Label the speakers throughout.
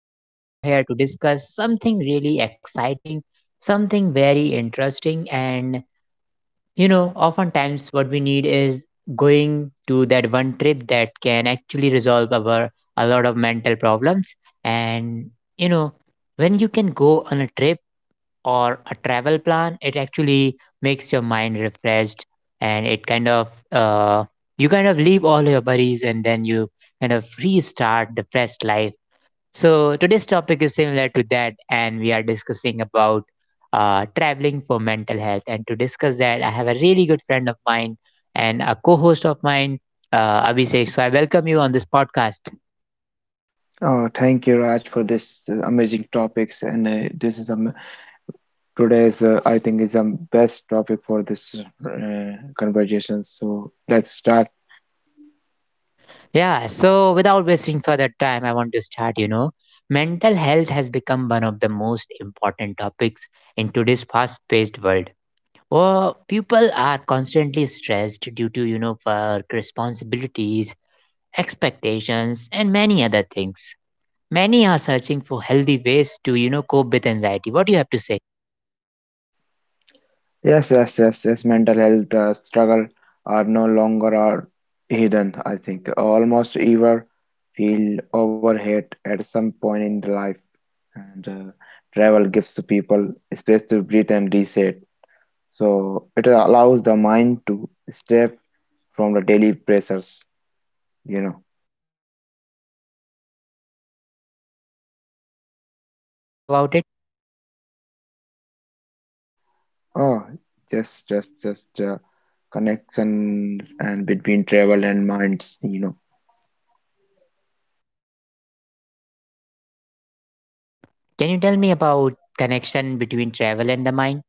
Speaker 1: we are here to discuss something really exciting, something very interesting. And, oftentimes what we need is going to that one trip that can actually resolve our a lot of mental problems. And, you know, when you can go on a trip, or a travel plan, it actually makes your mind refreshed and it kind of you kind of leave all your worries and then you kind of restart the fresh life. So today's topic is similar to that, and we are discussing about traveling for mental health. And to discuss that, I have a really good friend of mine and a co-host of mine, Abhishek. So I welcome you on this podcast.
Speaker 2: Oh, thank you, Raj, for this amazing topics. And this is today's, I think, is the best topic for this conversation. So let's start.
Speaker 1: Yeah, so without wasting further time, I want to start. Mental health has become one of the most important topics in today's fast paced world. Well, people are constantly stressed due to, work, responsibilities, expectations, and many other things. Many are searching for healthy ways to, cope with anxiety. What do you have to say?
Speaker 2: Yes, yes, yes, yes. Mental health struggle are no longer are hidden. I think almost ever feel overhead at some point in the life, and travel gives to people space to breathe and reset. So it allows the mind to step from the daily pressures. You know.
Speaker 1: Tell me more about it.
Speaker 2: Oh, just connections and between travel and minds, you know.
Speaker 1: Can you tell me about connection between travel and the mind?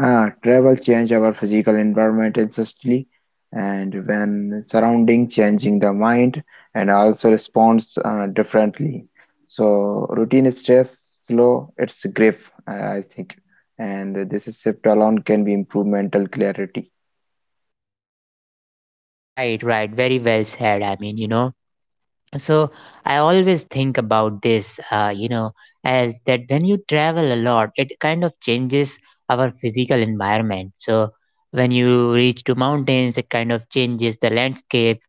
Speaker 2: Ah, travel change our physical environment instantly, and when surrounding changing the mind and also responds differently. So routine stress slow its grip, I think, and this shift alone can be improve mental clarity.
Speaker 1: Right, right. Very well said. I mean, so I always think about this as that when you travel a lot, it kind of changes our physical environment. So when you reach to mountains, it kind of changes the landscape.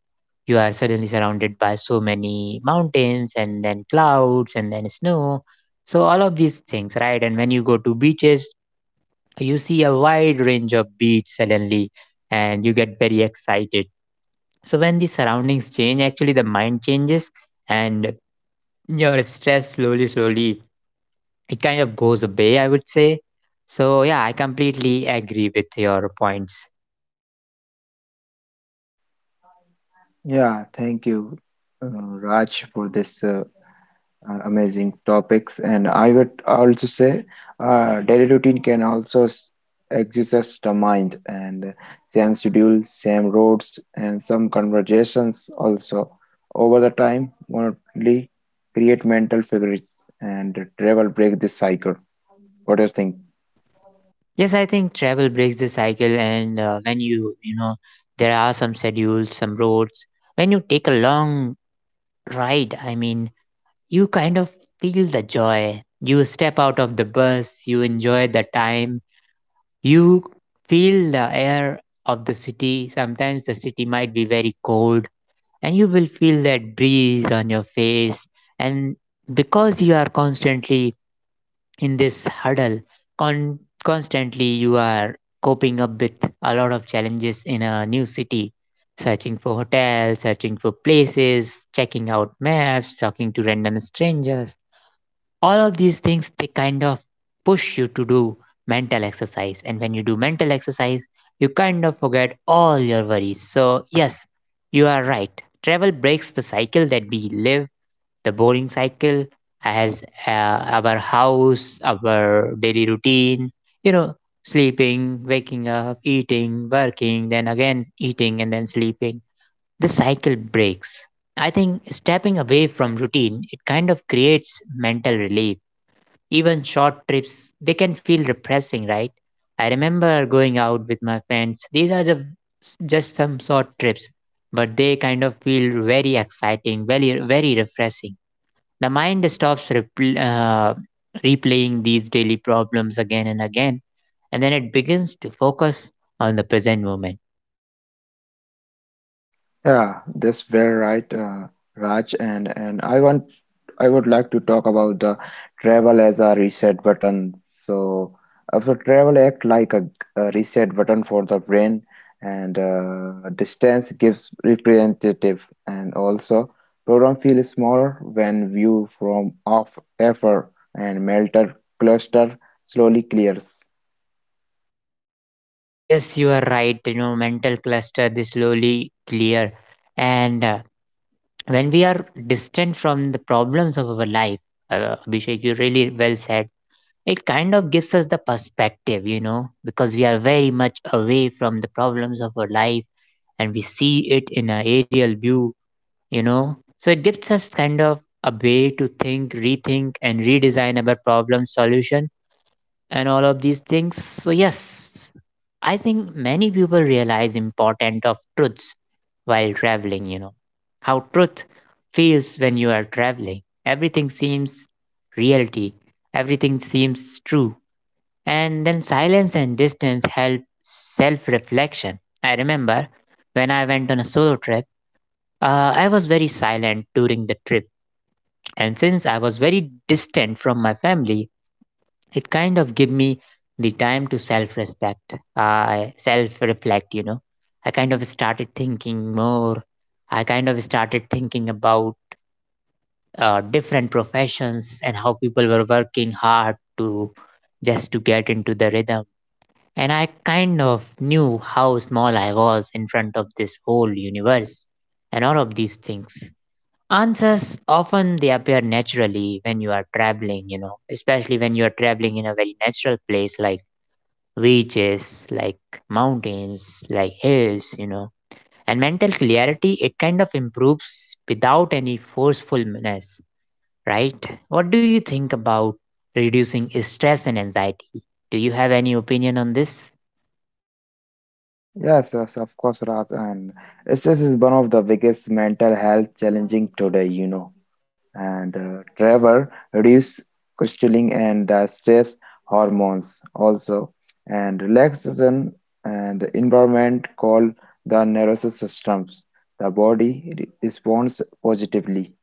Speaker 1: You are suddenly surrounded by so many mountains, and then clouds, and then snow. So all of these things, right? And when you go to beaches, you see a wide range of beach suddenly, and you get very excited. So when the surroundings change, actually the mind changes, and your stress, slowly, slowly, it kind of goes away, I would say. So, yeah, I completely agree with your points.
Speaker 2: Yeah, thank you, Raj, for this. Amazing topics and I would also say daily routine can also exist the mind and same schedules same roads and some conversations also over the time only create mental figures and travel break this cycle what do you think?
Speaker 1: Yes, I think travel breaks the cycle, and when you, there are some schedules, some roads. When you take a long ride, I mean, you kind of feel the joy. You step out of the bus, you enjoy the time, you feel the air of the city. Sometimes the city might be very cold and you will feel that breeze on your face, and because you are constantly in this huddle, con- constantly you are coping up with a lot of challenges in a new city, searching for hotels, searching for places, checking out maps, talking to random strangers. All of these things, they kind of push you to do mental exercise, and when you do mental exercise, you kind of forget all your worries. So yes, you are right, travel breaks the cycle that we live, the boring cycle, as our house, our daily routine, you know sleeping, waking up, eating, working, then again eating, and then sleeping. The cycle breaks. I think stepping away from routine, it kind of creates mental relief. Even short trips, they can feel depressing, right? I remember going out with my friends. These are just some short trips, but they kind of feel very exciting, very, very refreshing. The mind stops replaying these daily problems again and again, and then it begins to focus on the present moment.
Speaker 2: Yeah, that's very right, Raj, and I would like to talk about the travel as a reset button. So, so travel act like a reset button for the brain, and distance gives representative, and also program feels smaller when viewed from off effort, and melter cluster slowly clears.
Speaker 1: Yes, you are right. Mental cluster, they slowly clear, and when we are distant from the problems of our life, Abhishek, you really well said. It kind of gives us the perspective, because we are very much away from the problems of our life and we see it in an aerial view. So it gives us kind of a way to think, rethink, and redesign our problem solution and all of these things. So yes, I think many people realize important of truths while traveling. How truth feels when you are traveling. Everything seems reality, everything seems true. And then silence and distance help self reflection. I remember when I went on a solo trip, I was very silent during the trip. And since I was very distant from my family, it kind of give me the time to self reflect. I kind of started thinking more. I kind of started thinking about different professions and how people were working hard to just to get into the rhythm, and I kind of knew how small I was in front of this whole universe and all of these things. Answers often they appear naturally when you are traveling, especially when you are traveling in a very natural place like beaches, like mountains, like hills. And mental clarity, it kind of improves without any forcefulness, right? What do you think about reducing stress and anxiety? Do you have any opinion on this?
Speaker 2: Yes, yes, of course, Raj. And stress is one of the biggest mental health challenging today, you know. And Trevor reduce questioning and the stress hormones also. And relaxation and environment called the nervous systems. The body responds positively.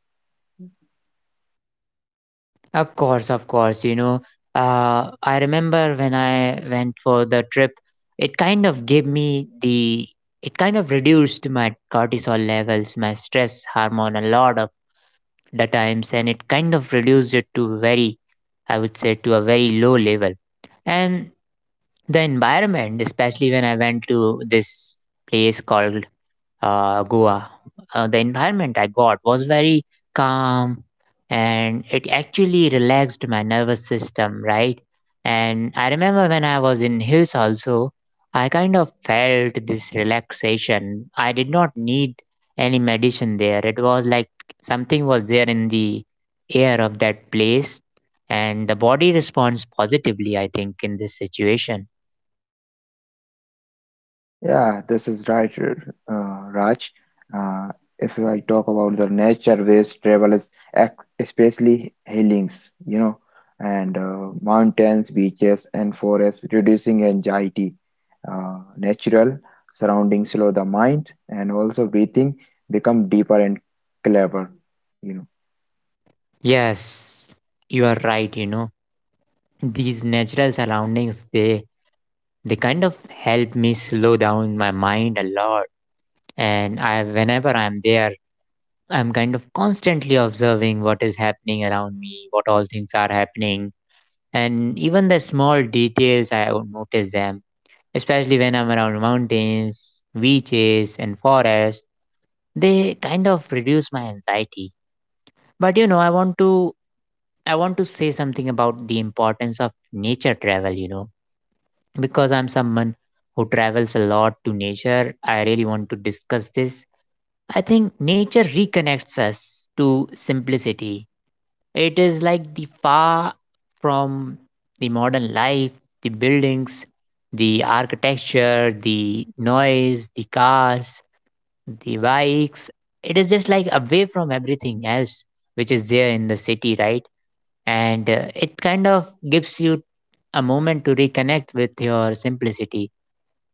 Speaker 1: Of course, of course. I remember when I went for the trip, it kind of gave me the, it kind of reduced my cortisol levels, my stress hormone, a lot of the times, and it kind of reduced it to very, I would say, to a very low level. And the environment, especially when I went to this place called Goa. The environment I got was very calm, and it actually relaxed my nervous system, right? And I remember when I was in hills also, I kind of felt this relaxation. I did not need any medicine there. It was like something was there in the air of that place, and the body responds positively, I think, in this situation.
Speaker 2: Yeah, this is right, Raj. Uh, if I talk about the nature-based travel is especially healings, you know, and mountains, beaches, and forests, reducing anxiety. Natural surroundings slow the mind, and also breathing become deeper and clearer. You know.
Speaker 1: Yes, you are right. These natural surroundings, they kind of help me slow down my mind a lot. And I whenever I'm there, I'm kind of constantly observing what is happening around me, what all things are happening, and even the small details I would notice them, especially when I'm around mountains, beaches, and forests, they kind of reduce my anxiety. But I want to say something about the importance of nature travel, because I'm someone who travels a lot to nature, I really want to discuss this. I think nature reconnects us to simplicity. It is like the far from the modern life, the buildings, the architecture, the noise, the cars, the bikes. It is just like away from everything else which is there in the city, right? And it kind of gives you a moment to reconnect with your simplicity.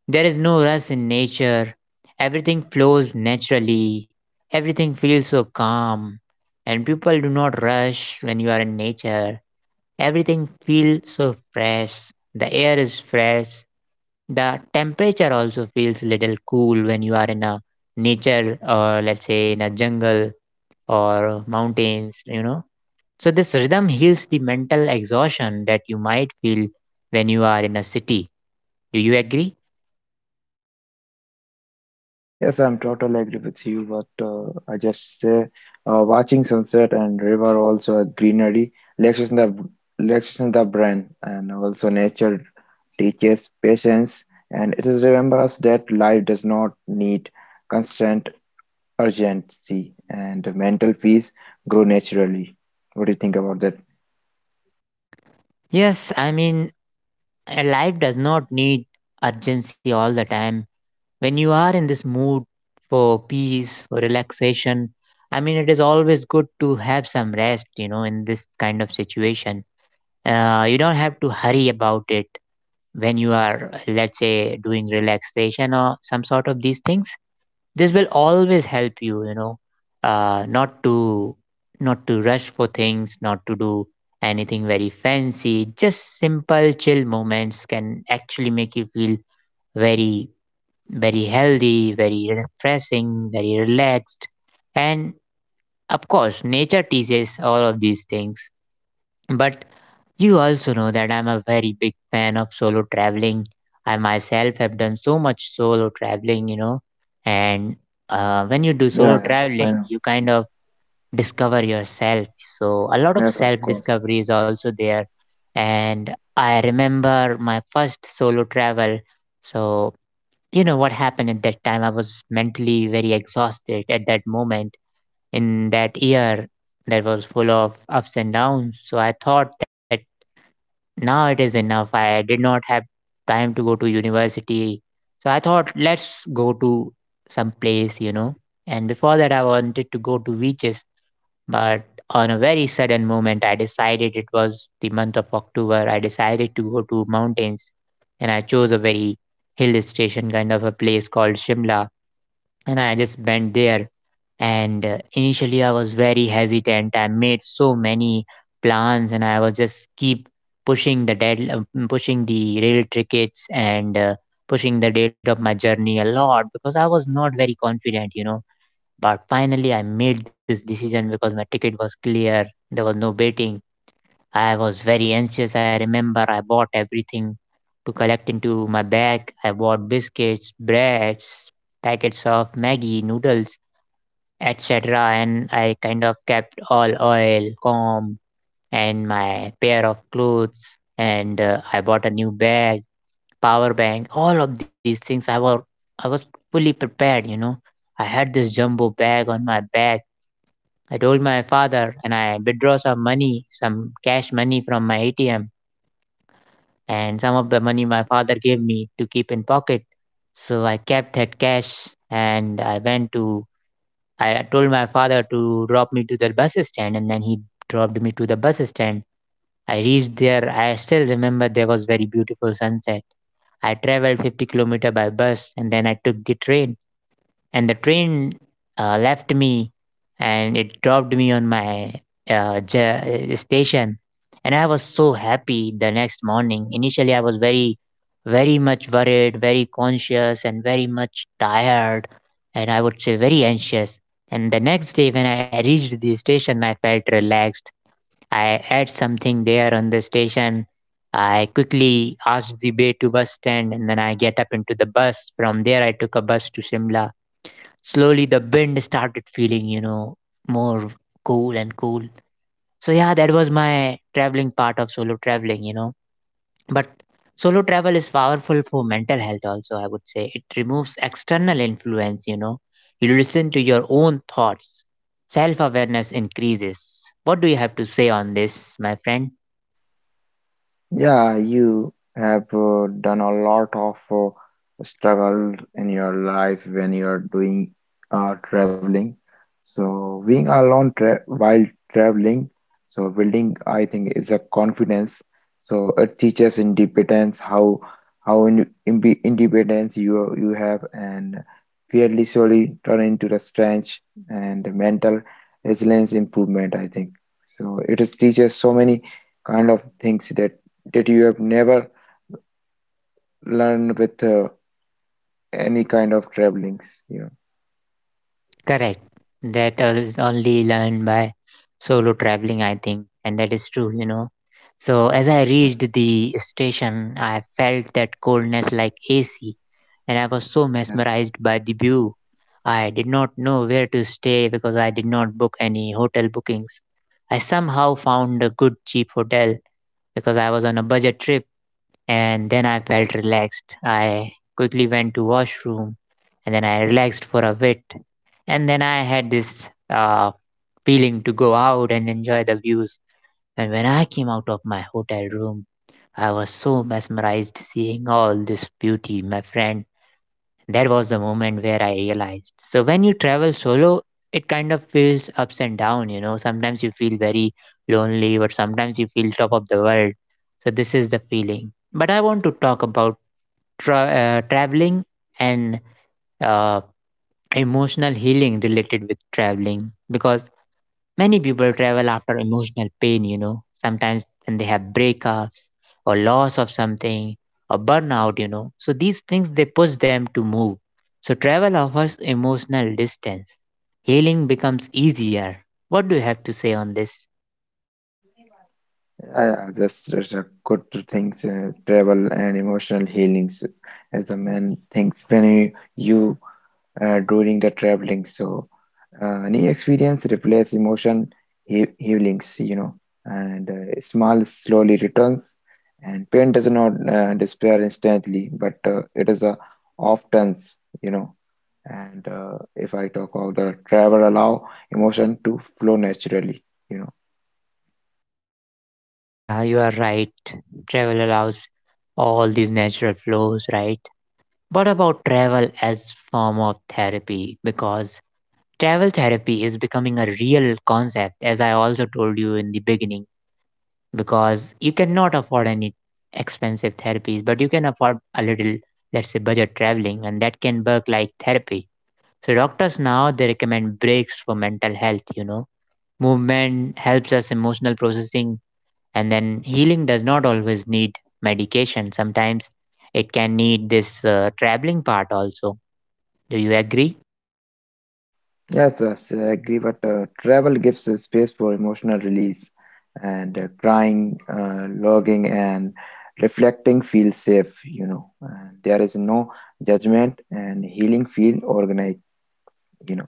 Speaker 1: There is no rush in nature. Everything flows naturally. Everything feels so calm. And people do not rush when you are in nature. Everything feels so fresh. The air is fresh. The temperature also feels little cool when you are in a nature or let's say in a jungle or mountains. So this rhythm heals the mental exhaustion that you might feel when you are in a city. Do you agree?
Speaker 2: Yes, I'm totally agree with you. But I just say, watching sunset and river also a greenery relaxes the relaxation the brain and also nature teaches patience and it is remember us that life does not need constant urgency and mental peace grow naturally. What do you think about that?
Speaker 1: Yes, I mean, life does not need urgency all the time. When you are in this mood for peace, for relaxation, I mean, it is always good to have some rest, in this kind of situation. You don't have to hurry about it when you are, let's say, doing relaxation or some sort of these things. This will always help you. You know uh, not to not to rush for things, not to do anything very fancy. Just simple chill moments can actually make you feel very, very healthy, very refreshing, very relaxed. And of course nature teaches all of these things. But you also know that I'm a very big fan of solo traveling. I myself have done so much solo traveling, and when you do solo
Speaker 2: Yeah, I
Speaker 1: traveling,
Speaker 2: know.
Speaker 1: you kind of discover yourself. So a lot of
Speaker 2: Yes, of
Speaker 1: self
Speaker 2: course.
Speaker 1: discovery is also there. And I remember my first solo travel. So, what happened at that time? I was mentally very exhausted at that moment. In that year, that was full of ups and downs. So I thought that now it is enough. I did not have time to go to university. So I thought, let's go to some place. And before that, I wanted to go to beaches. But on a very sudden moment, I decided it was the month of October. I decided to go to mountains. And I chose a very hill station kind of a place called Shimla. And I just went there, and initially I was very hesitant. I made so many plans, and I was just keep pushing the pushing the rail tickets and pushing the date of my journey a lot because I was not very confident, you know. But finally I made this decision because my ticket was clear. There was no waiting. I was very anxious. I remember I bought everything to collect into my bag. I bought biscuits, breads, packets of Maggie noodles, etc. And I kind of kept all oil, comb, and my pair of clothes. And I bought a new bag, power bank, all of these things. I was fully prepared, you know. I had this jumbo bag on my back. I told my father, and I withdraw some money, some cash money from my ATM, and some of the money my father gave me to keep in pocket. So I kept that cash, and I told my father to drop me to the bus stand, and then he dropped me to the bus stand. I reached there. I still remember there was very beautiful sunset. I traveled 50-kilometer by bus, and then I took the train, and the train left me, and it dropped me on my station. And I was so happy the next morning. Initially I was very very much worried, very conscious, and very much tired, and I would say very anxious. And the next day when I reached the station, I felt relaxed. I ate something there on the station. I quickly asked the way to bus stand, and then I get up into the bus. From there I took a bus to Shimla. Slowly the wind started feeling, you know, more cool and cool. So yeah, that was my traveling part of solo traveling, you know. But solo travel is powerful for mental health also, I would say. It removes external influence, you know. You listen to your own thoughts. Self awareness increases. What do you have to say on this, my friend?
Speaker 2: Yeah, you have done a lot of struggle in your life when you're doing traveling. So being alone tra while traveling, so building, I think, is a confidence. So it teaches independence, how independence you have, and fearlessly turn into the strength and mental resilience improvement. I think so. It is teaches so many kind of things that you have never learned with any kind of travelings, you know.
Speaker 1: Correct. That is only learned by solo traveling, I think, and that is true, you know. So as I
Speaker 2: Yeah.
Speaker 1: reached the station, I felt that coldness like AC, and I was so
Speaker 2: Yeah.
Speaker 1: mesmerized by the view. I did not know where to stay because I did not book any hotel bookings. I somehow found a good cheap hotel because I was on a budget trip, and then I felt relaxed. I quickly went to washroom, and then I relaxed for a bit. And then I had this feeling to go out and enjoy the views. And when I came out of my hotel room, I was so mesmerized seeing all this beauty, my friend. That was the moment where I realized. So when you travel solo, it kind of feels ups and down, you know. Sometimes you feel very lonely, but sometimes you feel top of the world. So this is the feeling. But I want to talk about traveling and uh, emotional healing related with traveling because many people travel after emotional pain, you know, sometimes when they have breakups or loss of something or burnout, you know. So these things they push them to move. So travel offers emotional distance. Healing becomes easier. What do you have to say on this?
Speaker 2: I that's just a good things travel and emotional healings as a man thinks when you during the traveling so any experience replace emotion he healings you know and small slowly returns and pain does not disappear instantly but it is a often you know. And if I talk about the travel, allow emotion to flow naturally, you know.
Speaker 1: Yeah, you are right. Travel allows all these natural flows, right? What about travel as form of therapy? Because travel therapy is becoming a real concept, as I also told you in the beginning, because you cannot afford any expensive therapies, but you can afford a little, let's say, budget traveling, and that can work like therapy. So doctors now they recommend breaks for mental health. You know, movement helps us emotional processing, and then healing does not always need medication. Sometimes it can need this traveling part also. Do you agree?
Speaker 2: Yes, yes, I agree. But travel gives a space for emotional release, and crying, logging, and reflecting feel safe, you know. And there is no judgment, and healing feel organized, you know.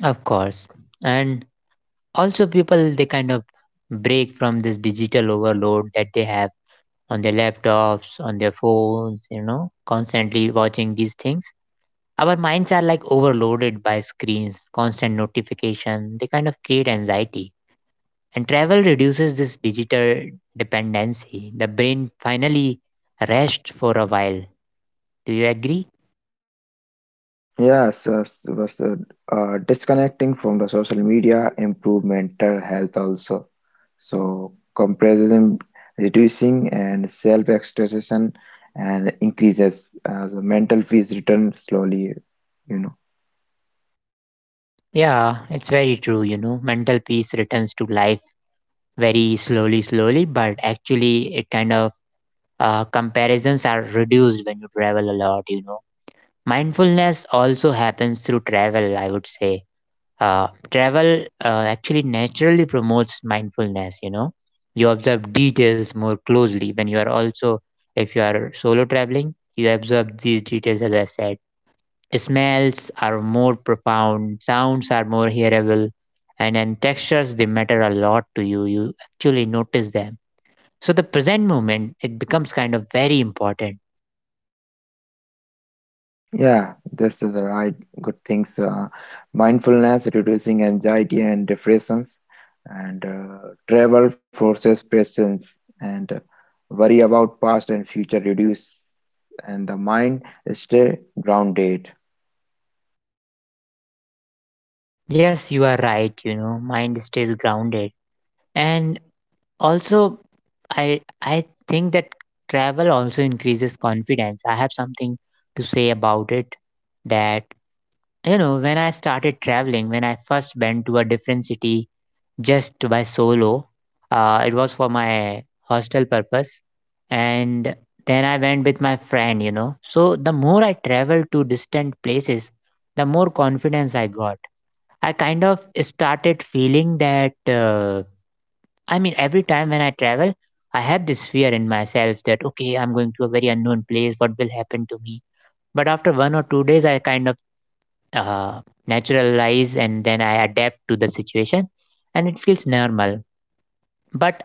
Speaker 1: Of course, and also people they kind of break from this digital overload that they have on their laptops, on their phones, you know, constantly watching these things. Our minds are like overloaded by screens, constant notification. They kind of create anxiety. And travel reduces this digital dependency. The brain finally rests for a while. Do you agree?
Speaker 2: Yes, yes, was disconnecting from the social media improve mental health also. So comparison reducing and self-expression and increases as the mental peace return slowly, you know.
Speaker 1: Yeah, it's very true, you know. Mental peace returns to life very slowly, slowly, but actually, it kind of comparisons are reduced when you travel a lot, you know. Mindfulness also happens through travel, I would say. Travel actually naturally promotes mindfulness, you know. You observe details more closely when you are also, if you are solo traveling, you observe these details, as I said. Smells are more profound, sounds are more hearable, and then textures they matter a lot to you. You actually notice them. So the present moment it becomes kind of very important.
Speaker 2: Yeah, this is the right good things. Mindfulness, reducing anxiety and depressions, and travel forces presence and worry about past and future reduce, and the mind stay grounded.
Speaker 1: Yes, you are right, you know, mind stays grounded. And also, I think that travel also increases confidence. I have something to say about it that, you know, when I started traveling, when I first went to a different city just by solo, it was for my hostel purpose, and then I went with my friend. You know, so the more I traveled to distant places, the more confidence I got. I kind of started feeling that. I mean, every time when I travel, I have this fear in myself that, okay, I'm going to a very unknown place. What will happen to me? But after one or two days, I kind of uh, naturalize and then I adapt to the situation, and it feels normal. But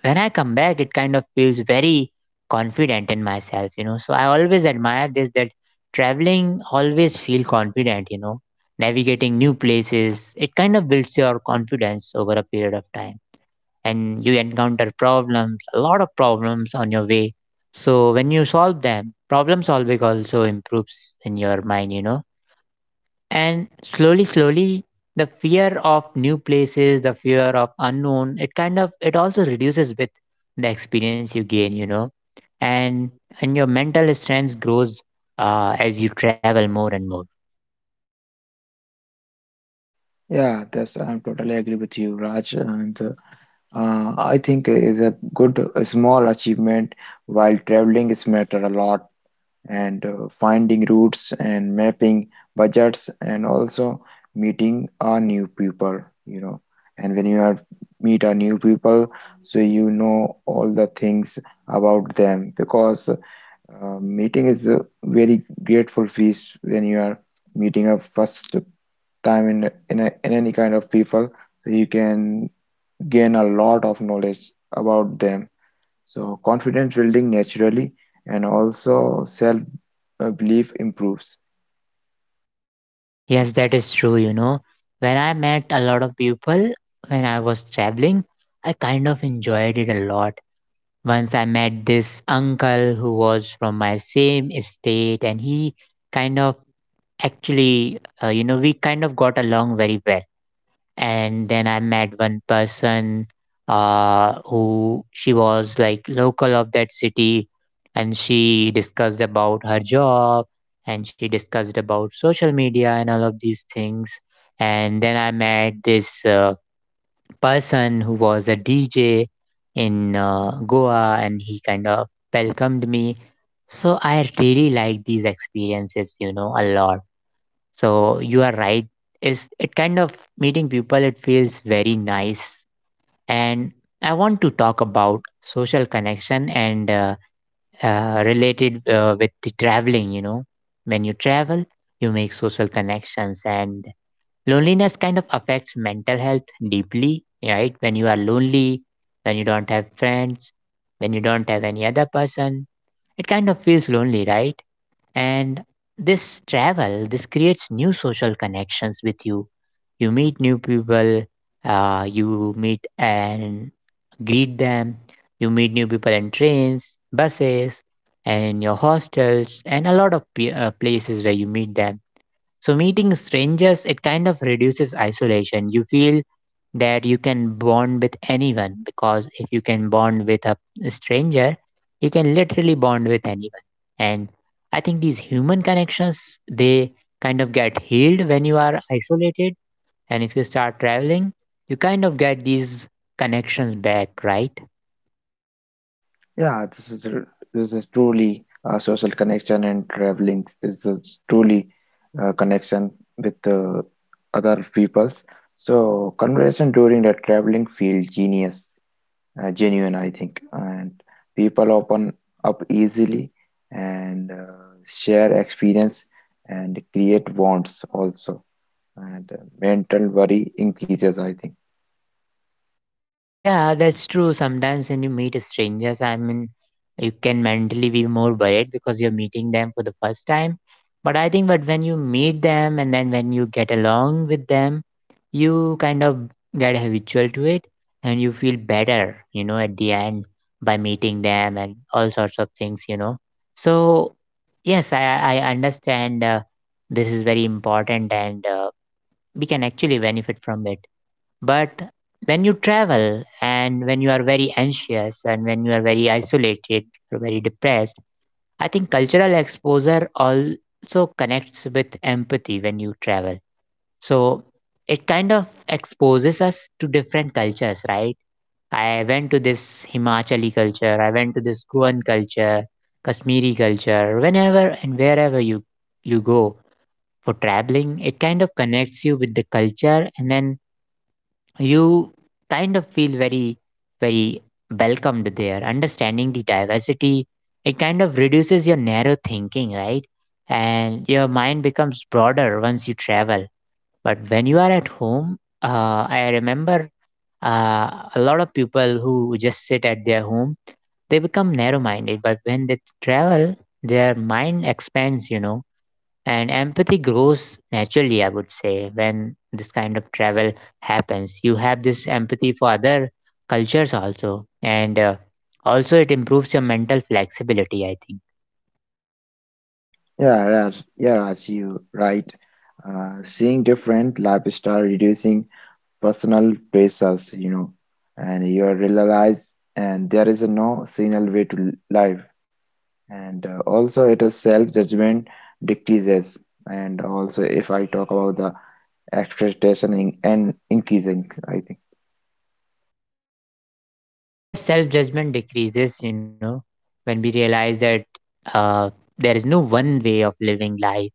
Speaker 1: when I come back, it kind of feels very confident in myself, you know. So I always admire this that traveling always feel confident, you know, navigating new places. It kind of builds your confidence over a period of time, and you encounter problems, a lot of problems on your way. So when you solve them, problem solving also improves in your mind, you know. And slowly, slowly, the fear of new places, the fear of unknown, it kind of it also reduces with the experience you gain, you know. And and your mental strength grows as you travel more and more.
Speaker 2: Yeah, that's I totally agree with you, Raj. And I think is a good small achievement while traveling is matter a lot. And finding routes and mapping budgets and also meeting our new people you know and when you are meet our new people so you know all the things about them because meeting is a very grateful feast when you are meeting a first time in any kind of people so you can gain a lot of knowledge about them so confidence building naturally and also self belief improves.
Speaker 1: Yes, that is true, you know. When I met a lot of people when I was traveling, I kind of enjoyed it a lot. Once I met this uncle who was from my same state, and he kind of actually, you know, we kind of got along very well. And then I met one person, who she was like local of that city, and she discussed about her job, and she discussed about social media and all of these things. And then I met this. Person who was a DJ in Goa, and he kind of welcomed me. So I really like these experiences, you know, a lot. So you are right. Is it kind of meeting people, it feels very nice. And I want to talk about social connection and related with the traveling, you know. When you travel, you make social connections, and loneliness kind of affects mental health deeply, right? When you are lonely, when you don't have friends, when you don't have any other person, it kind of feels lonely, right? And this travel, this creates new social connections with you. You meet new people, you meet and greet them. You meet new people in trains, buses, and in your hostels, and a lot of places where you meet them. So meeting strangers, it kind of reduces isolation. You feel that you can bond with anyone, because if you can bond with a stranger, you can literally bond with anyone. And I think these human connections, they kind of get healed when you are isolated. And if you start traveling, you kind of get these connections back, right?
Speaker 2: Yeah, this is this is truly a social connection and traveling is a truly connection with other peoples. So conversation during the traveling feel genius, genuine, I think, and people open up easily and share experience and create bonds also, and mental worry increases, I think.
Speaker 1: Yeah, that's true. Sometimes when you meet strangers, I mean, you can mentally be more worried because you're meeting them for the first time. But I think, but when you meet them and then when you get along with them, you kind of get habitual to it, and you feel better, you know, at the end by meeting them and all sorts of things, you know. So, yes, I understand this is very important, and we can actually benefit from it. But when you travel and when you are very anxious and when you are very isolated or very depressed, I think cultural exposure also connects with empathy when you travel. So it kind of exposes us to different cultures, right? I went to this Himachali culture, I went to this Goan culture, Kashmiri culture. Whenever and wherever you go for traveling, it kind of connects you with the culture, and then you kind of feel very very welcomed there. Understanding the diversity, it kind of reduces your narrow thinking, right? And your mind becomes broader once you travel. But when you are at home, I remember uh, a lot of people who just sit at their home, they become narrow minded, but when they travel, their mind expands, you know. And empathy grows naturally, I would say, when this kind of travel happens. You have this empathy for other cultures also, and also it improves your mental flexibility, I think.
Speaker 2: Yeah, Raj, you right. Seeing different lifestyle, reducing personal pressures, you know, and you realize, and there is a no single way to life, and also it is self judgment decreases, and also if I talk about the expectation and increasing, I think.
Speaker 1: Yes, self judgment decreases, you know, when we realize that uh, there is no one way of living life.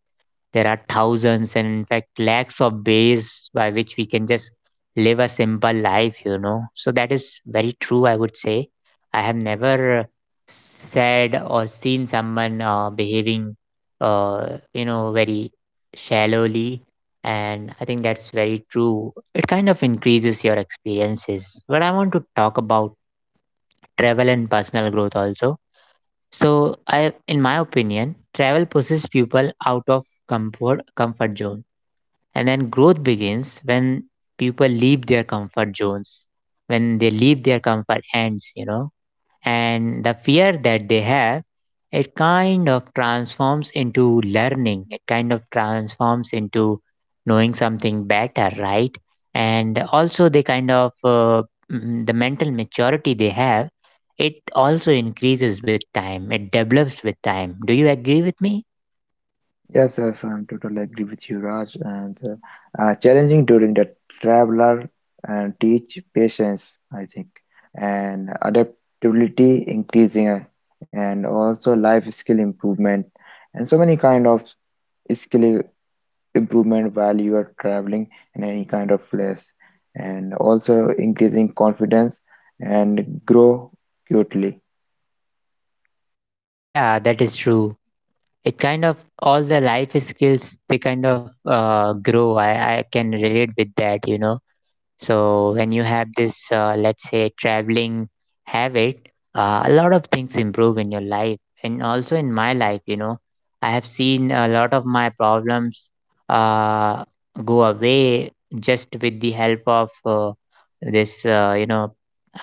Speaker 1: There are thousands and in fact lakhs of ways by which we can just live a simple life, you know. So that is very true, I would say. I have never said or seen someone behaving, very shallowly. And I think that's very true. It kind of increases your experiences. But I want to talk about travel and personal growth also. So, I, in my opinion, travel pushes people out of comfort zone, and then growth begins when people leave their comfort zones, when they leave their comfort ends, you know. And the fear that they have, it kind of transforms into learning, it kind of transforms into knowing something better, right? And also, they kind of, the mental maturity they have, it also increases with time, it develops with time. Do you agree with me?
Speaker 2: Yes, yes, I'm totally agree with you, Raj. And challenging during the traveler and teach patience, I think, and adaptability increasing, and also life skill improvement, and so many kind of skill improvement while you are traveling in any kind of place, and also increasing confidence and grow cutely.
Speaker 1: Yeah, that is true. It kind of, all the life skills they kind of grow. I can relate with that, you know. So when you have this, let's say, traveling habit, a lot of things improve in your life, and also in my life, you know. I have seen a lot of my problems uh, go away just with the help of this you know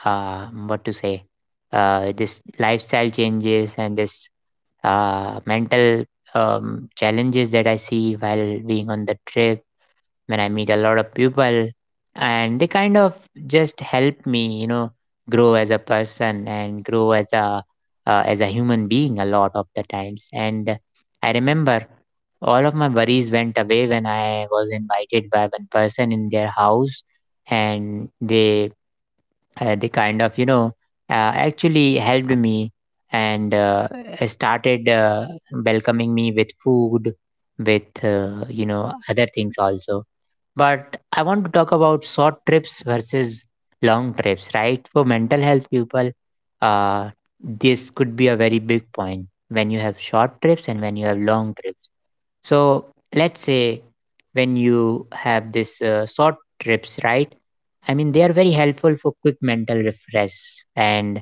Speaker 1: what to say this lifestyle changes, and this mental challenges that I see while being on the trip, when I meet a lot of people, and they kind of just help me, you know, grow as a person and grow as a human being, a lot of the times. And I remember all of my worries went away when I was invited by one person in their house, and they kind of, you know, actually helped me, and started welcoming me with food, with other things also. But I want to talk about short trips versus long trips, right, for mental health people. uh, this could be a very big point when you have short trips and when you have long trips. So let's say when you have this, short trips, right? I mean, they are very helpful for quick mental refresh, and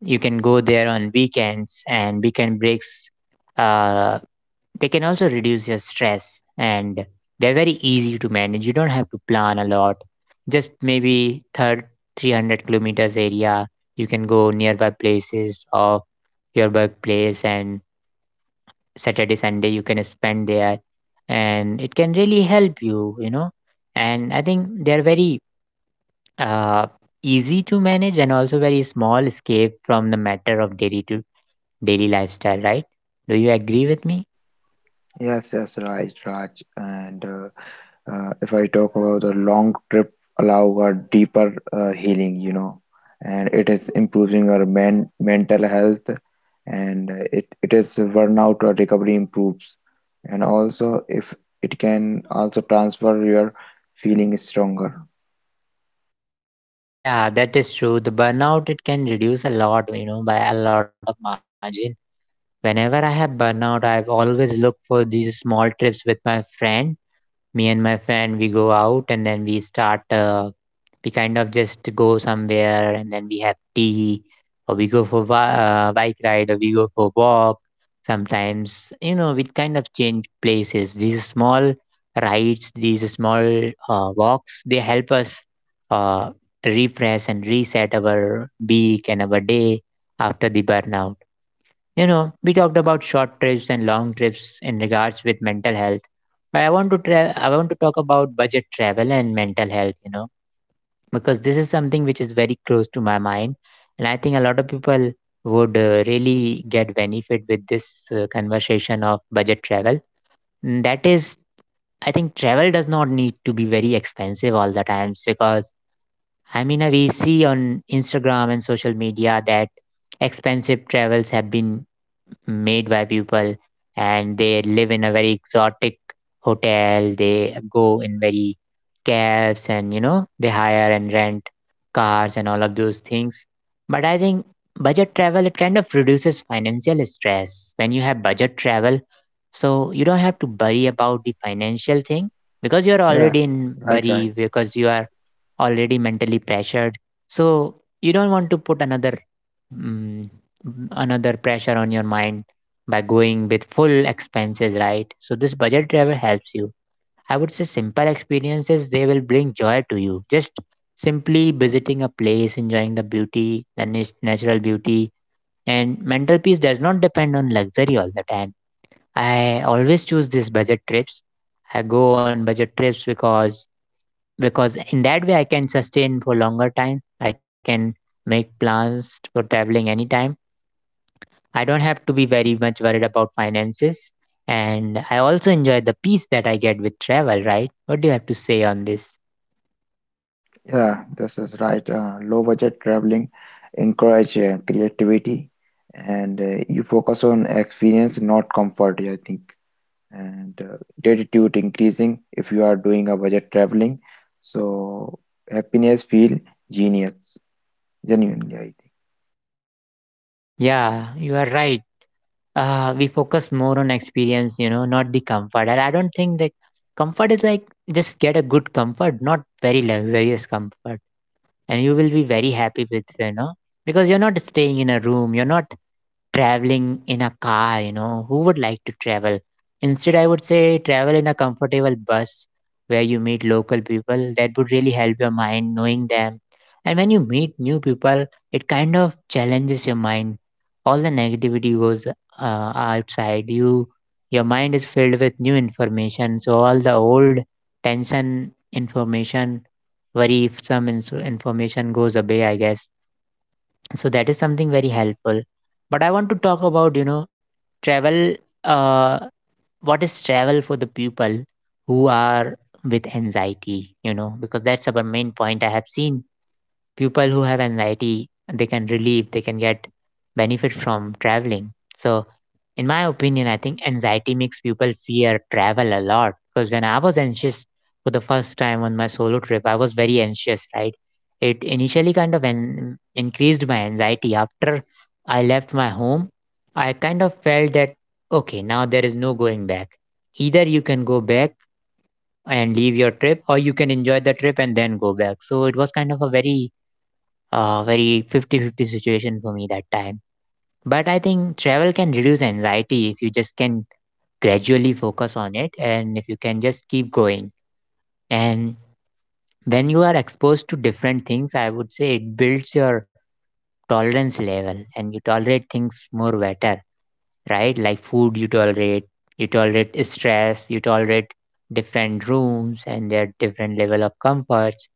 Speaker 1: you can go there on weekends and weekend breaks. Uh, they can also reduce your stress, and they're very easy to manage. You don't have to plan a lot. Just maybe third 300 kilometers area, you can go nearby places of your workplace, and Saturday, Sunday you can spend there, and it can really help you, you know. And I think they're very uh, easy to manage, and also very small escape from the matter of daily to daily lifestyle, right? Do you agree with me?
Speaker 2: Yes, yes, right, Raj, and if I talk about the long trip allow a deeper healing, you know, and it is improving our men mental health and it is burnout or recovery improves. And also if it can also transfer your feeling stronger.
Speaker 1: Yeah, that is true. The burnout, it can reduce a lot, you know, by a lot of margin. Whenever I have burnout, I've always looked for these small trips with my friend. Me and my friend, we go out and then we start, we kind of just go somewhere and then we have tea, or we go for bike ride, or we go for walk sometimes, you know. We kind of change places. These small rides, these small walks, they help us uh, refresh and reset our week and our day after the burnout, you know. We talked about short trips and long trips in regards with mental health. But I want to I want to talk about budget travel and mental health, you know, because this is something which is very close to my mind, and I think a lot of people would really get benefit with this conversation of budget travel. And that is, I think travel does not need to be very expensive all the times, because I mean, we see on Instagram and social media that expensive travels have been made by people, and they live in a very exotic hotel, they go in very cabs, and, you know, they hire and rent cars and all of those things. But I think budget travel, it kind of reduces financial stress. When you have budget travel, so you don't have to worry about the financial thing, because you're
Speaker 2: Yeah,
Speaker 1: already in
Speaker 2: right, right.
Speaker 1: worry, because you are already mentally pressured. So you don't want to put another mm, another pressure on your mind by going with full expenses, right? So this budget travel helps you. I would say simple experiences, they will bring joy to you. Just simply visiting a place, enjoying the beauty, the natural beauty, and mental peace does not depend on luxury all the time. I always choose these budget trips. I go on budget trips because in that way I can sustain for longer time. I can make plans for traveling anytime. I don't have to be very much worried about finances. And I also enjoy the peace that I get with travel, right? What do you have to say on this?
Speaker 2: Yeah, this is right. Low budget traveling encourage creativity and you focus on experience, not comfort, I think. And gratitude increasing if you are doing a budget traveling. So happiness feel genius, genuinely, I think.
Speaker 1: Yeah, you are right. We focus more on experience, you know, not the comfort. And I don't think that comfort is like, just get a good comfort, not very luxurious comfort. And you will be very happy with, you know, because you're not staying in a room, you're not traveling in a car, you know, who would like to travel? Instead, I would say travel in a comfortable bus where you meet local people. That would really help your mind knowing them. And when you meet new people, it kind of challenges your mind. All the negativity goes outside. You, your mind is filled with new information. So all the old tension information, worry, some information goes away, I guess. So that is something very helpful. But I want to talk about, you know, travel, uh what is travel for the people who are with anxiety, you know, because that's our main point. I have seen people who have anxiety, they can relieve, they can get benefit from traveling. So in my opinion, I think anxiety makes people fear travel a lot, because when I was anxious for the first time on my solo trip, I was very anxious, right? It initially kind of increased my anxiety. After I left my home, I kind of felt that, okay, now there is no going back. Either you can go back and leave your trip, or you can enjoy the trip and then go back. So it was kind of a very, very fifty-fifty situation for me that time. But I think travel can reduce anxiety if you just can gradually focus on it, and if you can just keep going. And when you are exposed to different things, I would say it builds your tolerance level, and you tolerate things more better, right? Like food you tolerate, you tolerate stress, you tolerate different rooms and their different level of comforts.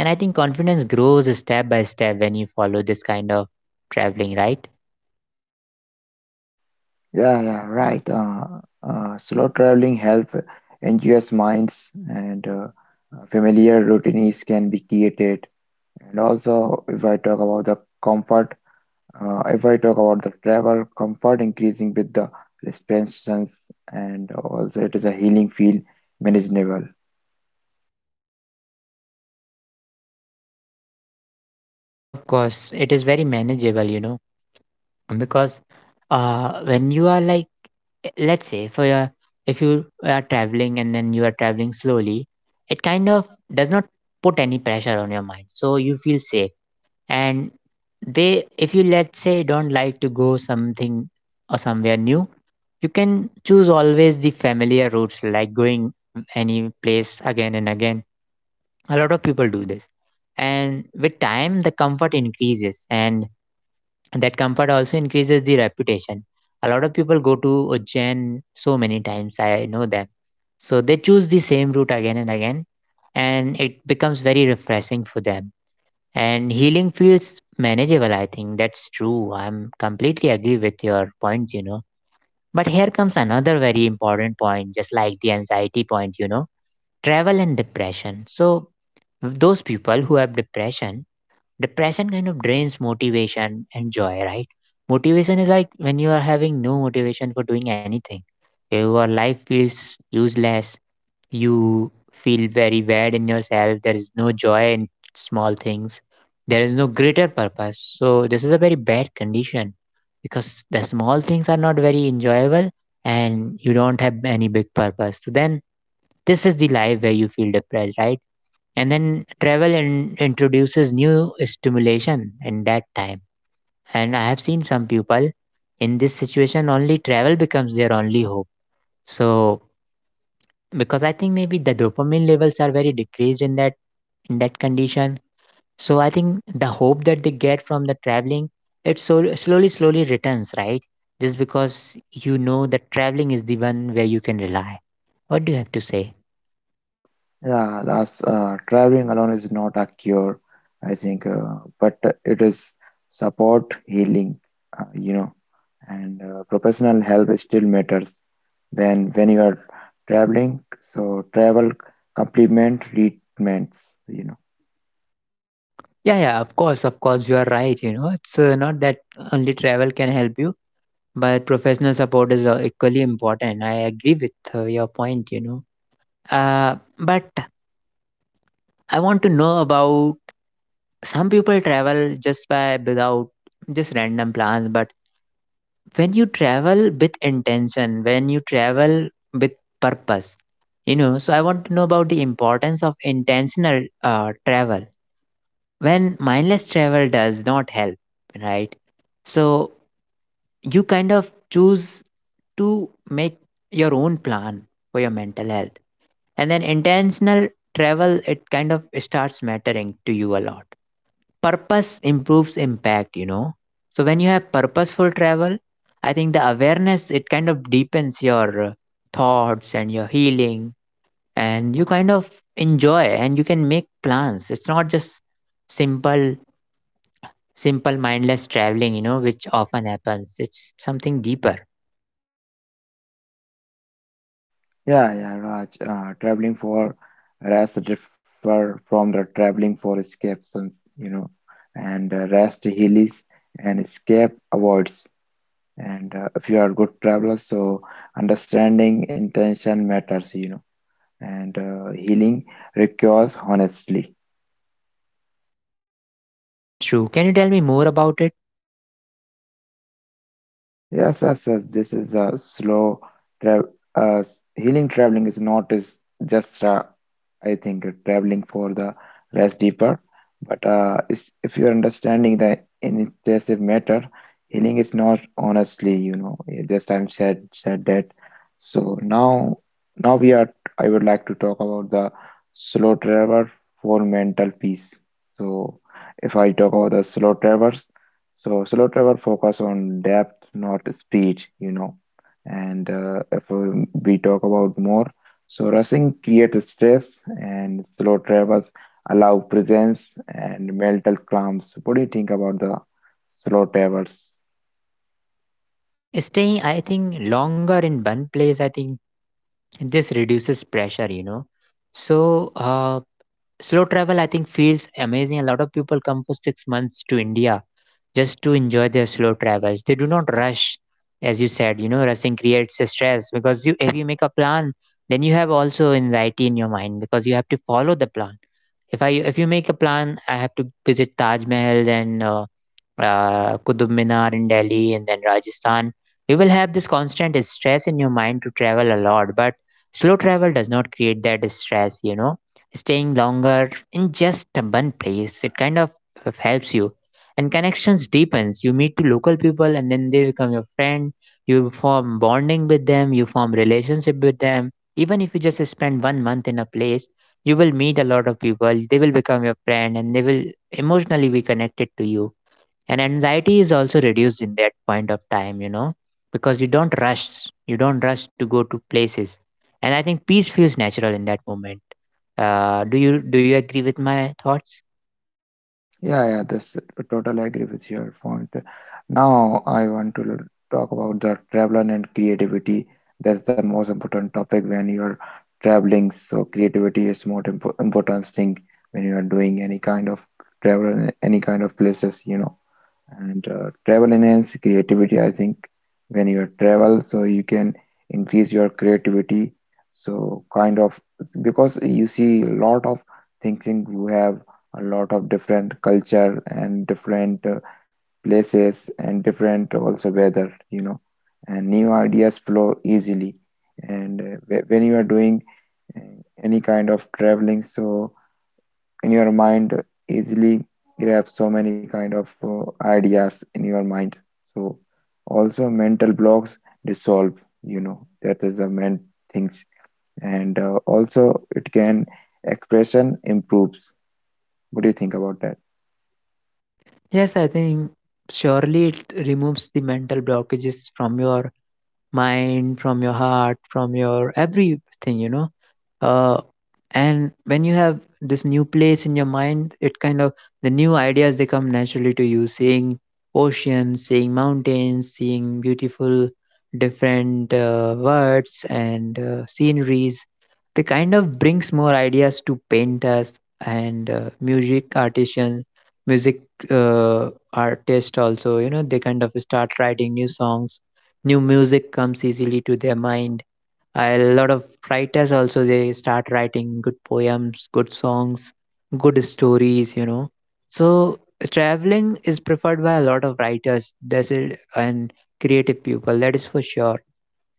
Speaker 1: And I think confidence grows step by step when you follow this kind of traveling, right?
Speaker 2: Yeah, yeah, right. Slow traveling help enjoys minds and familiar routines can be created. And also, if I talk about the comfort, if I talk about the travel comfort increasing with the restrictions and also it is a healing feel manageable.
Speaker 1: Of course, it is very manageable, you know, because when you are like, let's say, for your, if you are traveling and then you are traveling slowly, it kind of does not put any pressure on your mind. So you feel safe. And they, if you, let's say, don't like to go something or somewhere new, you can choose always the familiar routes, like going any place again and again. A lot of people do this. And with time, the comfort increases, and that comfort also increases the reputation. A lot of people go to Ujjain so many times, I know them. So they choose the same route again and again, and it becomes very refreshing for them, and healing feels manageable. I think that's true. I'm completely agree with your points, you know. But here comes another very important point, just like the anxiety point, you know, travel and depression. So those people who have depression, depression kind of drains motivation and joy, right? Motivation is like when you are having no motivation for doing anything. Your life feels useless. You feel very bad in yourself. There is no joy in small things. There is no greater purpose. So this is a very bad condition, because the small things are not very enjoyable, and you don't have any big purpose. So then this is the life where you feel depressed, right? And then travel introduces new stimulation in that time. And I have seen some people; in this situation only travel becomes their only hope. So because I think maybe the dopamine levels are very decreased in that condition. So I think the hope that they get from the traveling, it so slowly slowly returns, right? Just because you know that traveling is the one where you can rely. What do you have to say?
Speaker 2: Yeah, that's traveling alone is not a cure, I think, but it is support, healing, you know, and professional help still matters when you are traveling. So travel complement treatments, you know.
Speaker 1: Yeah, yeah, of course, you are right. It's not that only travel can help you. But professional support is equally important. I agree with your point. But I want to know about some people travel just by without just random plans. But when you travel with intention, when you travel with purpose, so I want to know about the importance of intentional travel, when mindless travel does not help, right? So you kind of choose to make your own plan for your mental health, and then intentional travel, it kind of starts mattering to you a lot. Purpose improves impact. So when you have purposeful travel, I think the awareness, it kind of deepens your thoughts and your healing. And you kind of enjoy, and you can make plans. It's not just simple simple mindless traveling, which often happens. It's something deeper.
Speaker 2: Yeah, Raj, traveling for rest differ from the traveling for escapes, you know, and rest heals and escape avoids. And if you are good traveler, so understanding intention matters, you know, and healing requires honestly.
Speaker 1: That's true. Can you tell me more about it?
Speaker 2: Yes, yes, yes, this is a slow tra uh, healing traveling is not is just a I think traveling for the less deeper. But if you're understanding the intensive matter, healing is not honestly, you know, just I'm said that. So now we are. I would like to talk about the slow traveler for mental peace. So if I talk about the slow travelers, so slow travel focus on depth, not speed, you know. And if we talk about more. So rushing creates stress and slow travels allow presence and mental calms. What do you think about the slow travels?
Speaker 1: Staying, I think, longer in one place, I think this reduces pressure. So, slow travel, I think, feels amazing. A lot of people come for 6 months to India just to enjoy their slow travels. They do not rush, as you said, rushing creates a stress because if you make a plan, then you have also anxiety in your mind because you have to follow the plan. If you make a plan, I have to visit Taj Mahal and Qutub Minar in Delhi and then Rajasthan. You will have this constant stress in your mind to travel a lot. But slow travel does not create that stress. Staying longer in just one place, it kind of helps you. And connections deepens. You meet to local people and then they become your friend. You form bonding with them, you form relationship with them. Even if you just spend 1 month in a place, you will meet a lot of people, they will become your friend, and they will emotionally be connected to you. And anxiety is also reduced in that point of time, because you don't rush. You don't rush to go to places. And I think peace feels natural in that moment. Do you agree with my thoughts?
Speaker 2: Yeah, yeah, this totally agree with your point. Now I want to talk about the traveling and creativity. That's the most important topic when you're traveling. So creativity is more important thing when you are doing any kind of travel, any kind of places, you know. And travel enhance creativity I think when you travel so you can increase your creativity so kind of because you see a lot of thinking you have a lot of different culture and different places and different also weather you know and new ideas flow easily and when you are doing uh, any kind of traveling so in your mind easily grab so many kind of ideas in your mind so also mental blocks dissolve you know that is the main things and also it can expression improves what do you think about that?
Speaker 1: Yes, I think surely it removes the mental blockages from your mind, from your heart, from your everything. uh, and when you have this new place in your mind, it kind of, the new ideas, they come naturally to you, seeing ocean, seeing mountains, seeing beautiful different words and sceneries. They kind of brings more ideas to painters and music artisan, music, artist also, they kind of start writing new songs. New music comes easily to their mind. A lot of writers also, they start writing good poems, good songs, good stories. So traveling is preferred by a lot of writers, that's it, and creative people. That is for sure.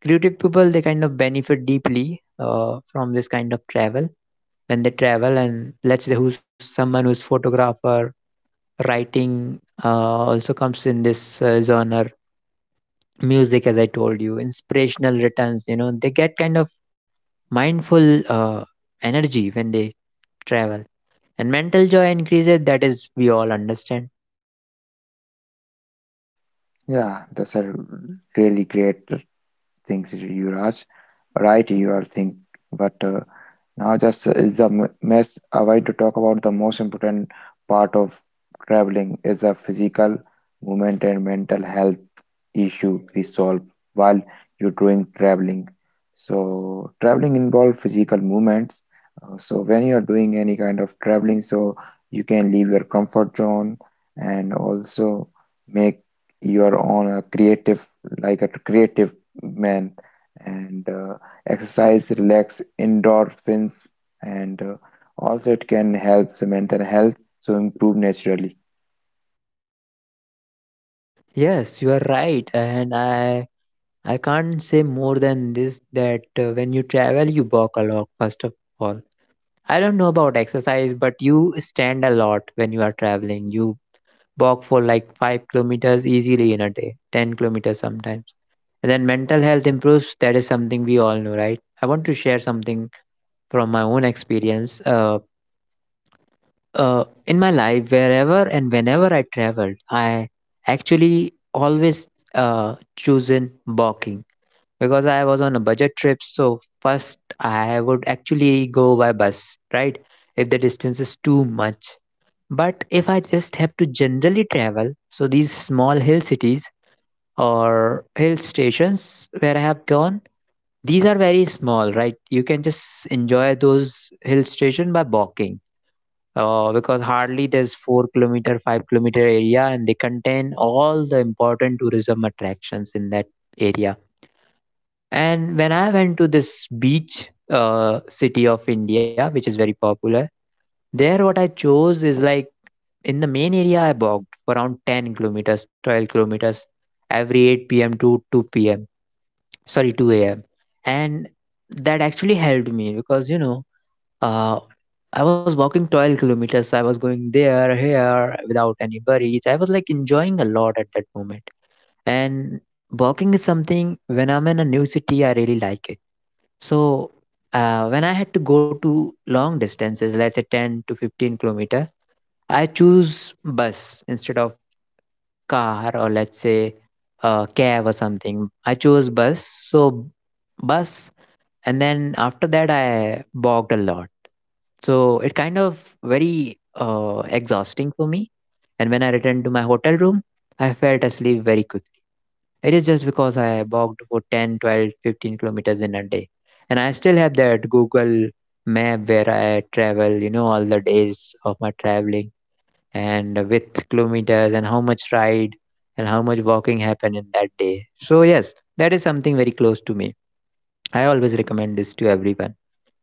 Speaker 1: Creative people, they kind of benefit deeply from this kind of travel when they travel. And let's say who's someone who's photographer, writing uh, also comes in this genre. Music, as I told you, inspirational returns, they get kind of mindful energy when they travel. And mental joy increases, that is we all understand.
Speaker 2: Yeah, that's a really great things Yuvraj, right you are think, but now, just is the m- mess. I want to talk about the most important part of traveling is the physical movement and mental health issue resolved while you're doing traveling. So traveling involve physical movements. So when you're doing any kind of traveling, so you can leave your comfort zone and also make your own creative, like a creative man, and exercise, relax, endorphins, and also it can help the mental health, so improve naturally.
Speaker 1: Yes, you are right, and I can't say more than this, that when you travel, you walk a lot. First of all, I don't know about exercise, but you stand a lot when you are traveling. You walk for like 5 kilometers easily in a day, 10 kilometers sometimes. And then mental health improves, that is something we all know, right? I want to share something from my own experience. Uh, In my life, wherever and whenever I traveled, I actually always chosen walking because I was on a budget trip. So first, I would actually go by bus, right? If the distance is too much. But if I just have to generally travel, so these small hill cities or hill stations where I have gone, these are very small, right? You can just enjoy those hill station by walking, because hardly there's 4 kilometer, 5 kilometer area, and they contain all the important tourism attractions in that area. And when I went to this beach city of India, which is very popular, there what I chose is like, in the main area I walked for around 10 kilometers, 12 kilometers, every 8 p.m. to 2 p.m. Sorry, 2 a.m. And that actually helped me, because uh, I was walking 12 kilometers. I was going there, here without any worries. I was like enjoying a lot at that moment. And walking is something, when I'm in a new city, I really like it. So when I had to go to long distances, let's say 10 to 15 kilometer, I choose bus instead of car or let's say cab or something. I chose bus. So bus, and then after that, I walked a lot. So it kind of very exhausting for me. And when I returned to my hotel room, I felt asleep very quickly. It is just because I walked for 10, 12, 15 kilometers in a day. And I still have that Google map where I travel, all the days of my traveling, and with kilometers and how much ride and how much walking happened in that day. So yes, that is something very close to me. I always recommend this to everyone.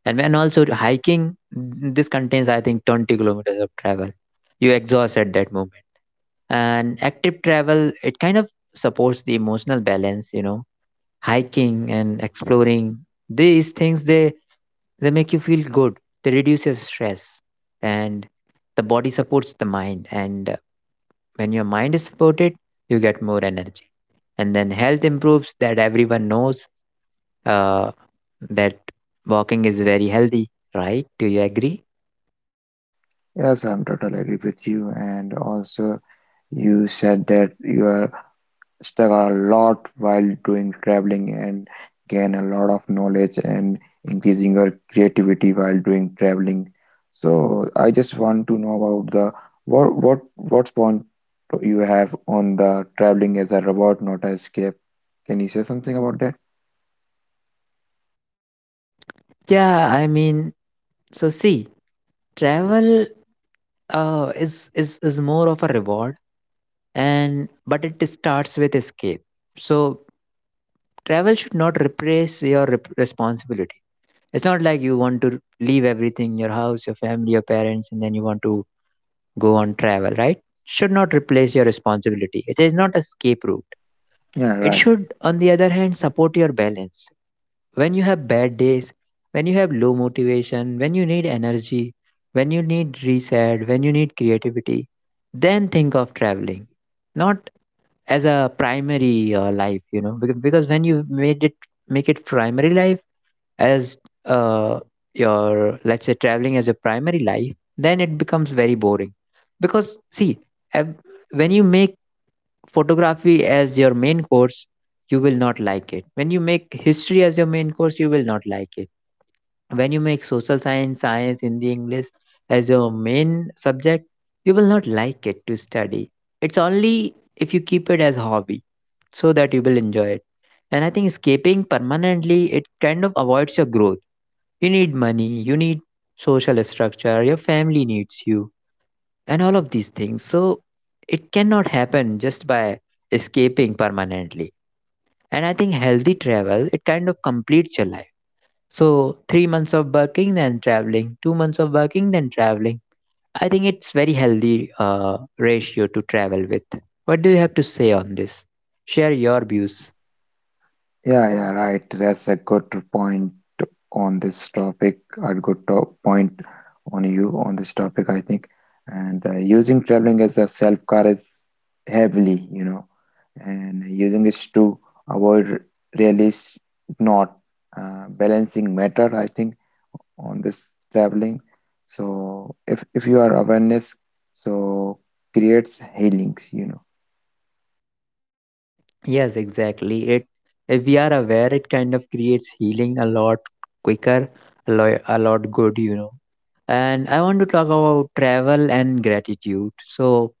Speaker 1: And when also hiking, this contains, I think, 20 kilometers of travel. You exhaust at that moment. And active travel, it kind of supports the emotional balance, hiking and exploring. These things, they make you feel good. They reduce your stress. And the body supports the mind. And when your mind is supported, you get more energy. And then health improves, that everyone knows, uh, that walking is very healthy, right? Do you agree?
Speaker 2: Yes, I'm totally agree with you, and also. You said that you are stuck a lot while doing traveling and gain a lot of knowledge and increasing your creativity while doing traveling. So I just want to know about the what point you have on the traveling as a reward, not as escape. Can you say something about that?
Speaker 1: Yeah, I mean, so see, travel is more of a reward, and but it starts with escape. So travel should not replace your responsibility. It's not like you want to leave everything, your house, your family, your parents, and then you want to go on travel, right? Should not replace your responsibility. It is not escape route.
Speaker 2: Yeah,
Speaker 1: It
Speaker 2: right.
Speaker 1: should, on the other hand, support your balance. When you have bad days, when you have low motivation, when you need energy, when you need reset, when you need creativity, then think of traveling. Not as a primary life, because, when you made it make it primary life, as uh, your, let's say, traveling as your primary life, then it becomes very boring. Because see, ev- when you make photography as your main course, you will not like it. When you make history as your main course, you will not like it. When you make social science, science, Hindi, English as your main subject, you will not like it to study. It's only if you keep it as hobby so that you will enjoy it. And I think escaping permanently, it kind of avoids your growth. You need money, you need social structure, your family needs you, and all of these things. So it cannot happen just by escaping permanently. And I think healthy travel, it kind of completes your life. So 3 months of working, then traveling. 2 months of working, then traveling. I think it's very healthy ratio to travel with. What do you have to say on this? Share your views.
Speaker 2: Yeah, yeah, right. That's a good point on this topic. A good to point on you on this topic, I think. And using traveling as a self car is heavily, you know, and using it to avoid really is not balancing matter, I think, on this traveling. So if you are awareness, so creates healings, you know.
Speaker 1: Yes, exactly. It If we are aware, it kind of creates healing a lot quicker, a lot good. And I want to talk about travel and gratitude. So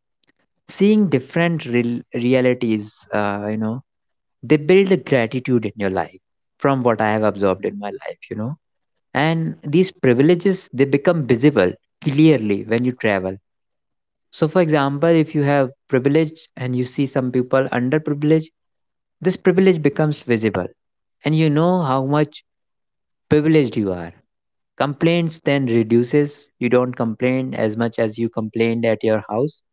Speaker 1: seeing different realities, they build the gratitude in your life, from what I have observed in my life, and these privileges, they become visible clearly when you travel. So for example, if you have privilege and you see some people under privilege, this privilege becomes visible, and you know how much privileged you are. Complaints then reduces. You don't complain as much as you complained at your house.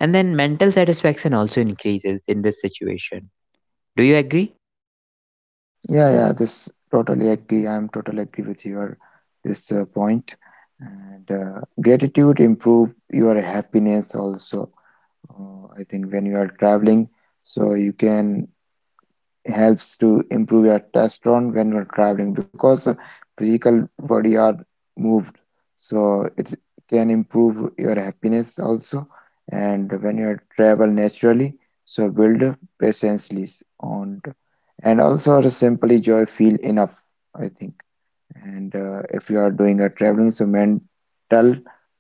Speaker 1: And then mental satisfaction also increases in this situation. Do you agree?
Speaker 2: Yeah, yeah, this totally agree. I'm totally agree with your this point. And gratitude improve your happiness also. I think when you are traveling, so you can helps to improve your testosterone when you're traveling because physical body are moved so it can improve your happiness also and when you travel naturally so build patience on and also to simply joy feel enough I think and if you are doing a traveling so mental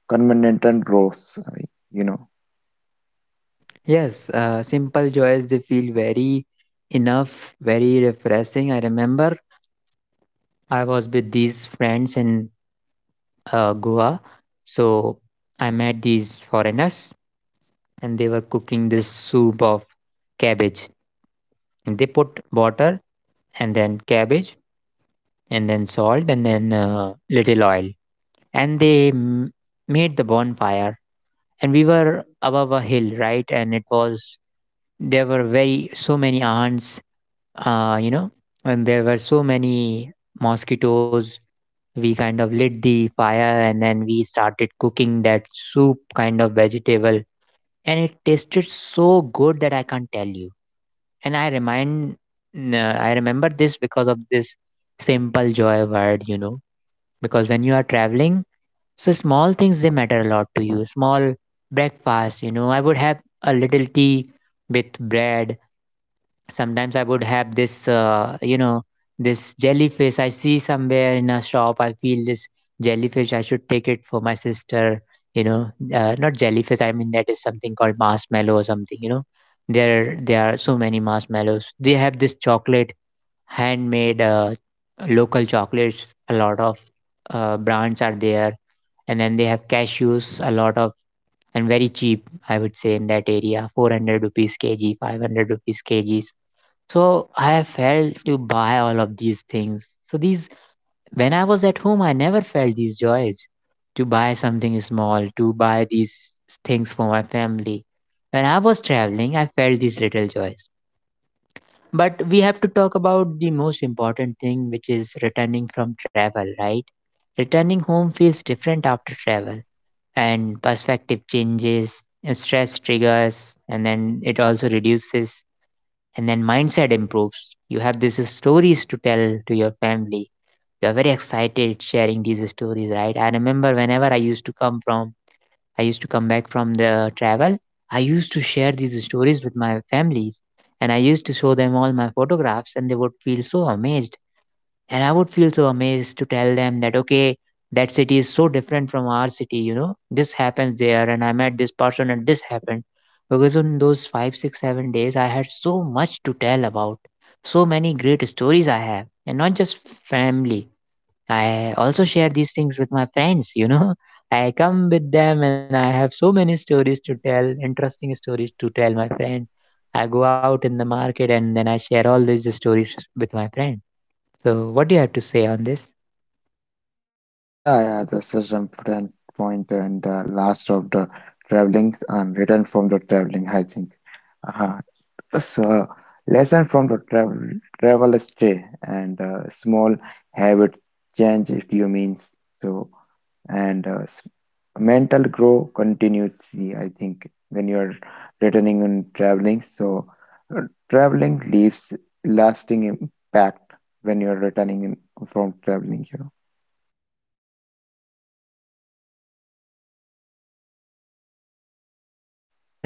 Speaker 2: continental growth you know.
Speaker 1: Yes, simple joys, they feel very enough, very refreshing. I remember I was with these friends in Goa. So I met these foreigners and they were cooking this soup of cabbage. And they put water and then cabbage and then salt and then little oil. And they made the bonfire. And we were above a hill, right? And it was, so many ants uh, you know, and there were so many mosquitoes. We kind of lit the fire and then we started cooking that soup kind of vegetable. And it tasted so good that I can't tell you. And I remember this because of this simple joy word, because when you are traveling, so small things they matter a lot to you. Small breakfast, I would have a little tea with bread. Sometimes I would have this this jellyfish. I see somewhere in a shop, I feel this jellyfish I should take it for my sister. Not jellyfish, I mean that is something called marshmallow or something. There are so many marshmallows. They have this chocolate, handmade local chocolates, a lot of brands are there. And then they have cashews, a lot of, and very cheap, I would say, in that area, 400 rupees kg, 500 rupees kg. So I have failed to buy all of these things. So these, when I was at home, I never felt these joys to buy something small, to buy these things for my family. When I was traveling, I felt these little joys. But we have to talk about the most important thing, which is returning from travel, right? Returning home feels different after travel, and perspective changes, and stress triggers, and then it also reduces, and then mindset improves. You have these stories to tell to your family. You're very excited sharing these stories, right? I remember whenever I used to come from, I used to come back from the travel. I used to share these stories with my families, and I used to show them all my photographs, and they would feel so amazed, and I would feel so amazed to tell them that, okay, that city is so different from our city, you know, this happens there, and I met this person, and this happened because in those 5 6 7 days I had so much to tell about. So many great stories I have, and not just family, I also share these things with my friends. I come with them and I have so many stories to tell, interesting stories, to tell my friend. I go out in the market and then I share all these stories with my friend. So, what do you have to say on this?
Speaker 2: Yeah, yeah, that's such an important point and the last of the traveling and return from the traveling, I think. Uh, so, lesson from the travel stay and small habit change if you mean so, and mental grow continuously, I think, when you're returning and traveling. So, uh, traveling leaves lasting impact when you're returning in, from traveling, you know.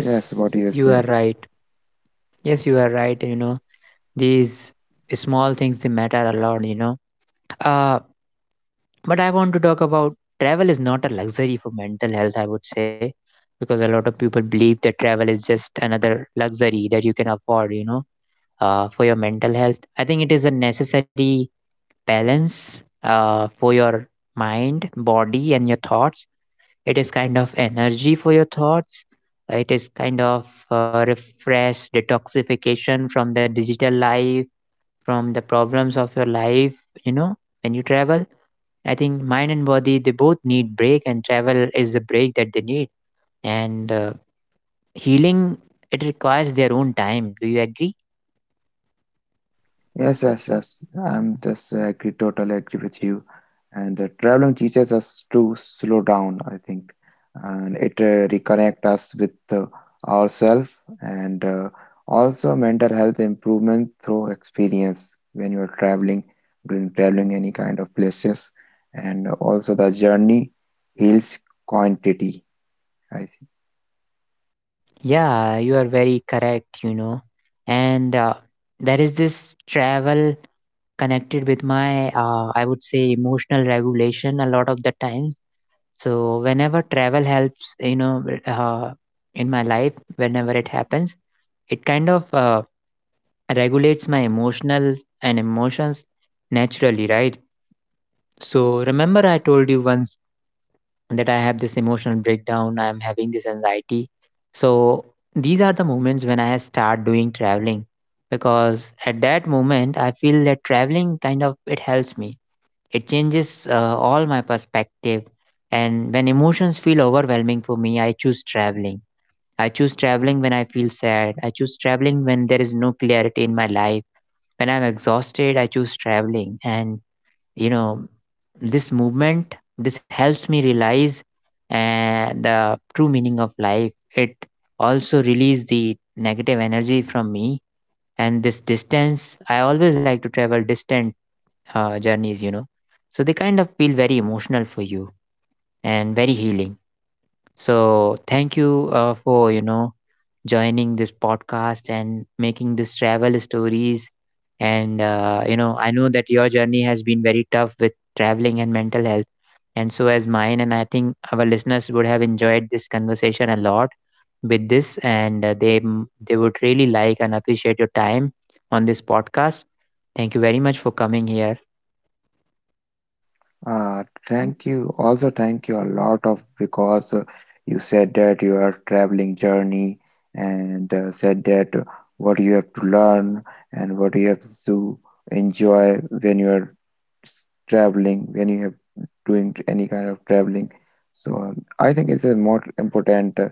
Speaker 2: Yes, what do you
Speaker 1: you are
Speaker 2: say?
Speaker 1: right. Yes, you are right. You know, these small things, they matter a lot, you know. Uh, but I want to talk about travel is not a luxury for mental health, I would say, because a lot of people believe that travel is just another luxury that you can afford, you know, for your mental health. I think it is a necessary balance for your mind, body, and your thoughts. It is kind of energy for your thoughts. It is kind of refresh, detoxification from the digital life, from the problems of your life. You know, when you travel, I think mind and body they both need break, and travel is the break that they need. And healing, it requires their own time. Do you agree?
Speaker 2: Yes, yes, yes. I'm just agree, totally agree with you. And the traveling teaches us to slow down, I think, and it reconnect us with ourselves and also mental health improvement through experience when you're traveling, doing traveling any kind of places, and also the journey heals quantity, I think.
Speaker 1: Yeah, you are very correct. You know, and there is this travel connected with my I would say emotional regulation a lot of the times. So whenever travel helps, you know, in my life, whenever it happens, it kind of regulates my emotional and emotions naturally, right? So remember, I told you once that I have this emotional breakdown. I am having this anxiety. So these are the moments when I start doing traveling, because at that moment I feel that traveling kind of it helps me, it changes all my perspective. And when emotions feel overwhelming for me, I choose traveling. I choose traveling when I feel sad. I choose traveling when there is no clarity in my life. When I'm exhausted, I choose traveling. And, you know, this movement, this helps me realize the true meaning of life. It also release the negative energy from me. And this distance, I always like to travel distant journeys, you know. So they kind of feel very emotional for you and very healing. So thank you for, you know, joining this podcast and making this travel stories. And, you know, I know that your journey has been very tough with traveling and mental health. And so as mine, and I think our listeners would have enjoyed this conversation a lot with this, and they they would really like and appreciate your time on this podcast. Thank you very much for coming here.
Speaker 2: Thank you. Also, thank you a lot of because you said that your traveling journey and said that what you have to learn and what you have to enjoy when you are traveling, when you have doing any kind of traveling. So I think it's a more important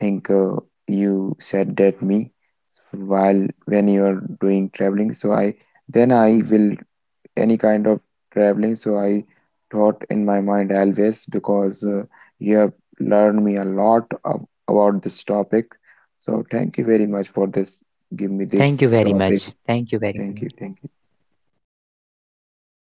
Speaker 2: thing you said that me. While when you are doing traveling. So I then I will any kind of traveling. So I thought in my mind always because you have learned me a lot of, about this topic. So thank you very much for this. Give me
Speaker 1: Thank
Speaker 2: this
Speaker 1: you very
Speaker 2: topic.
Speaker 1: much. Thank you very much.
Speaker 2: Thank you. Thank you.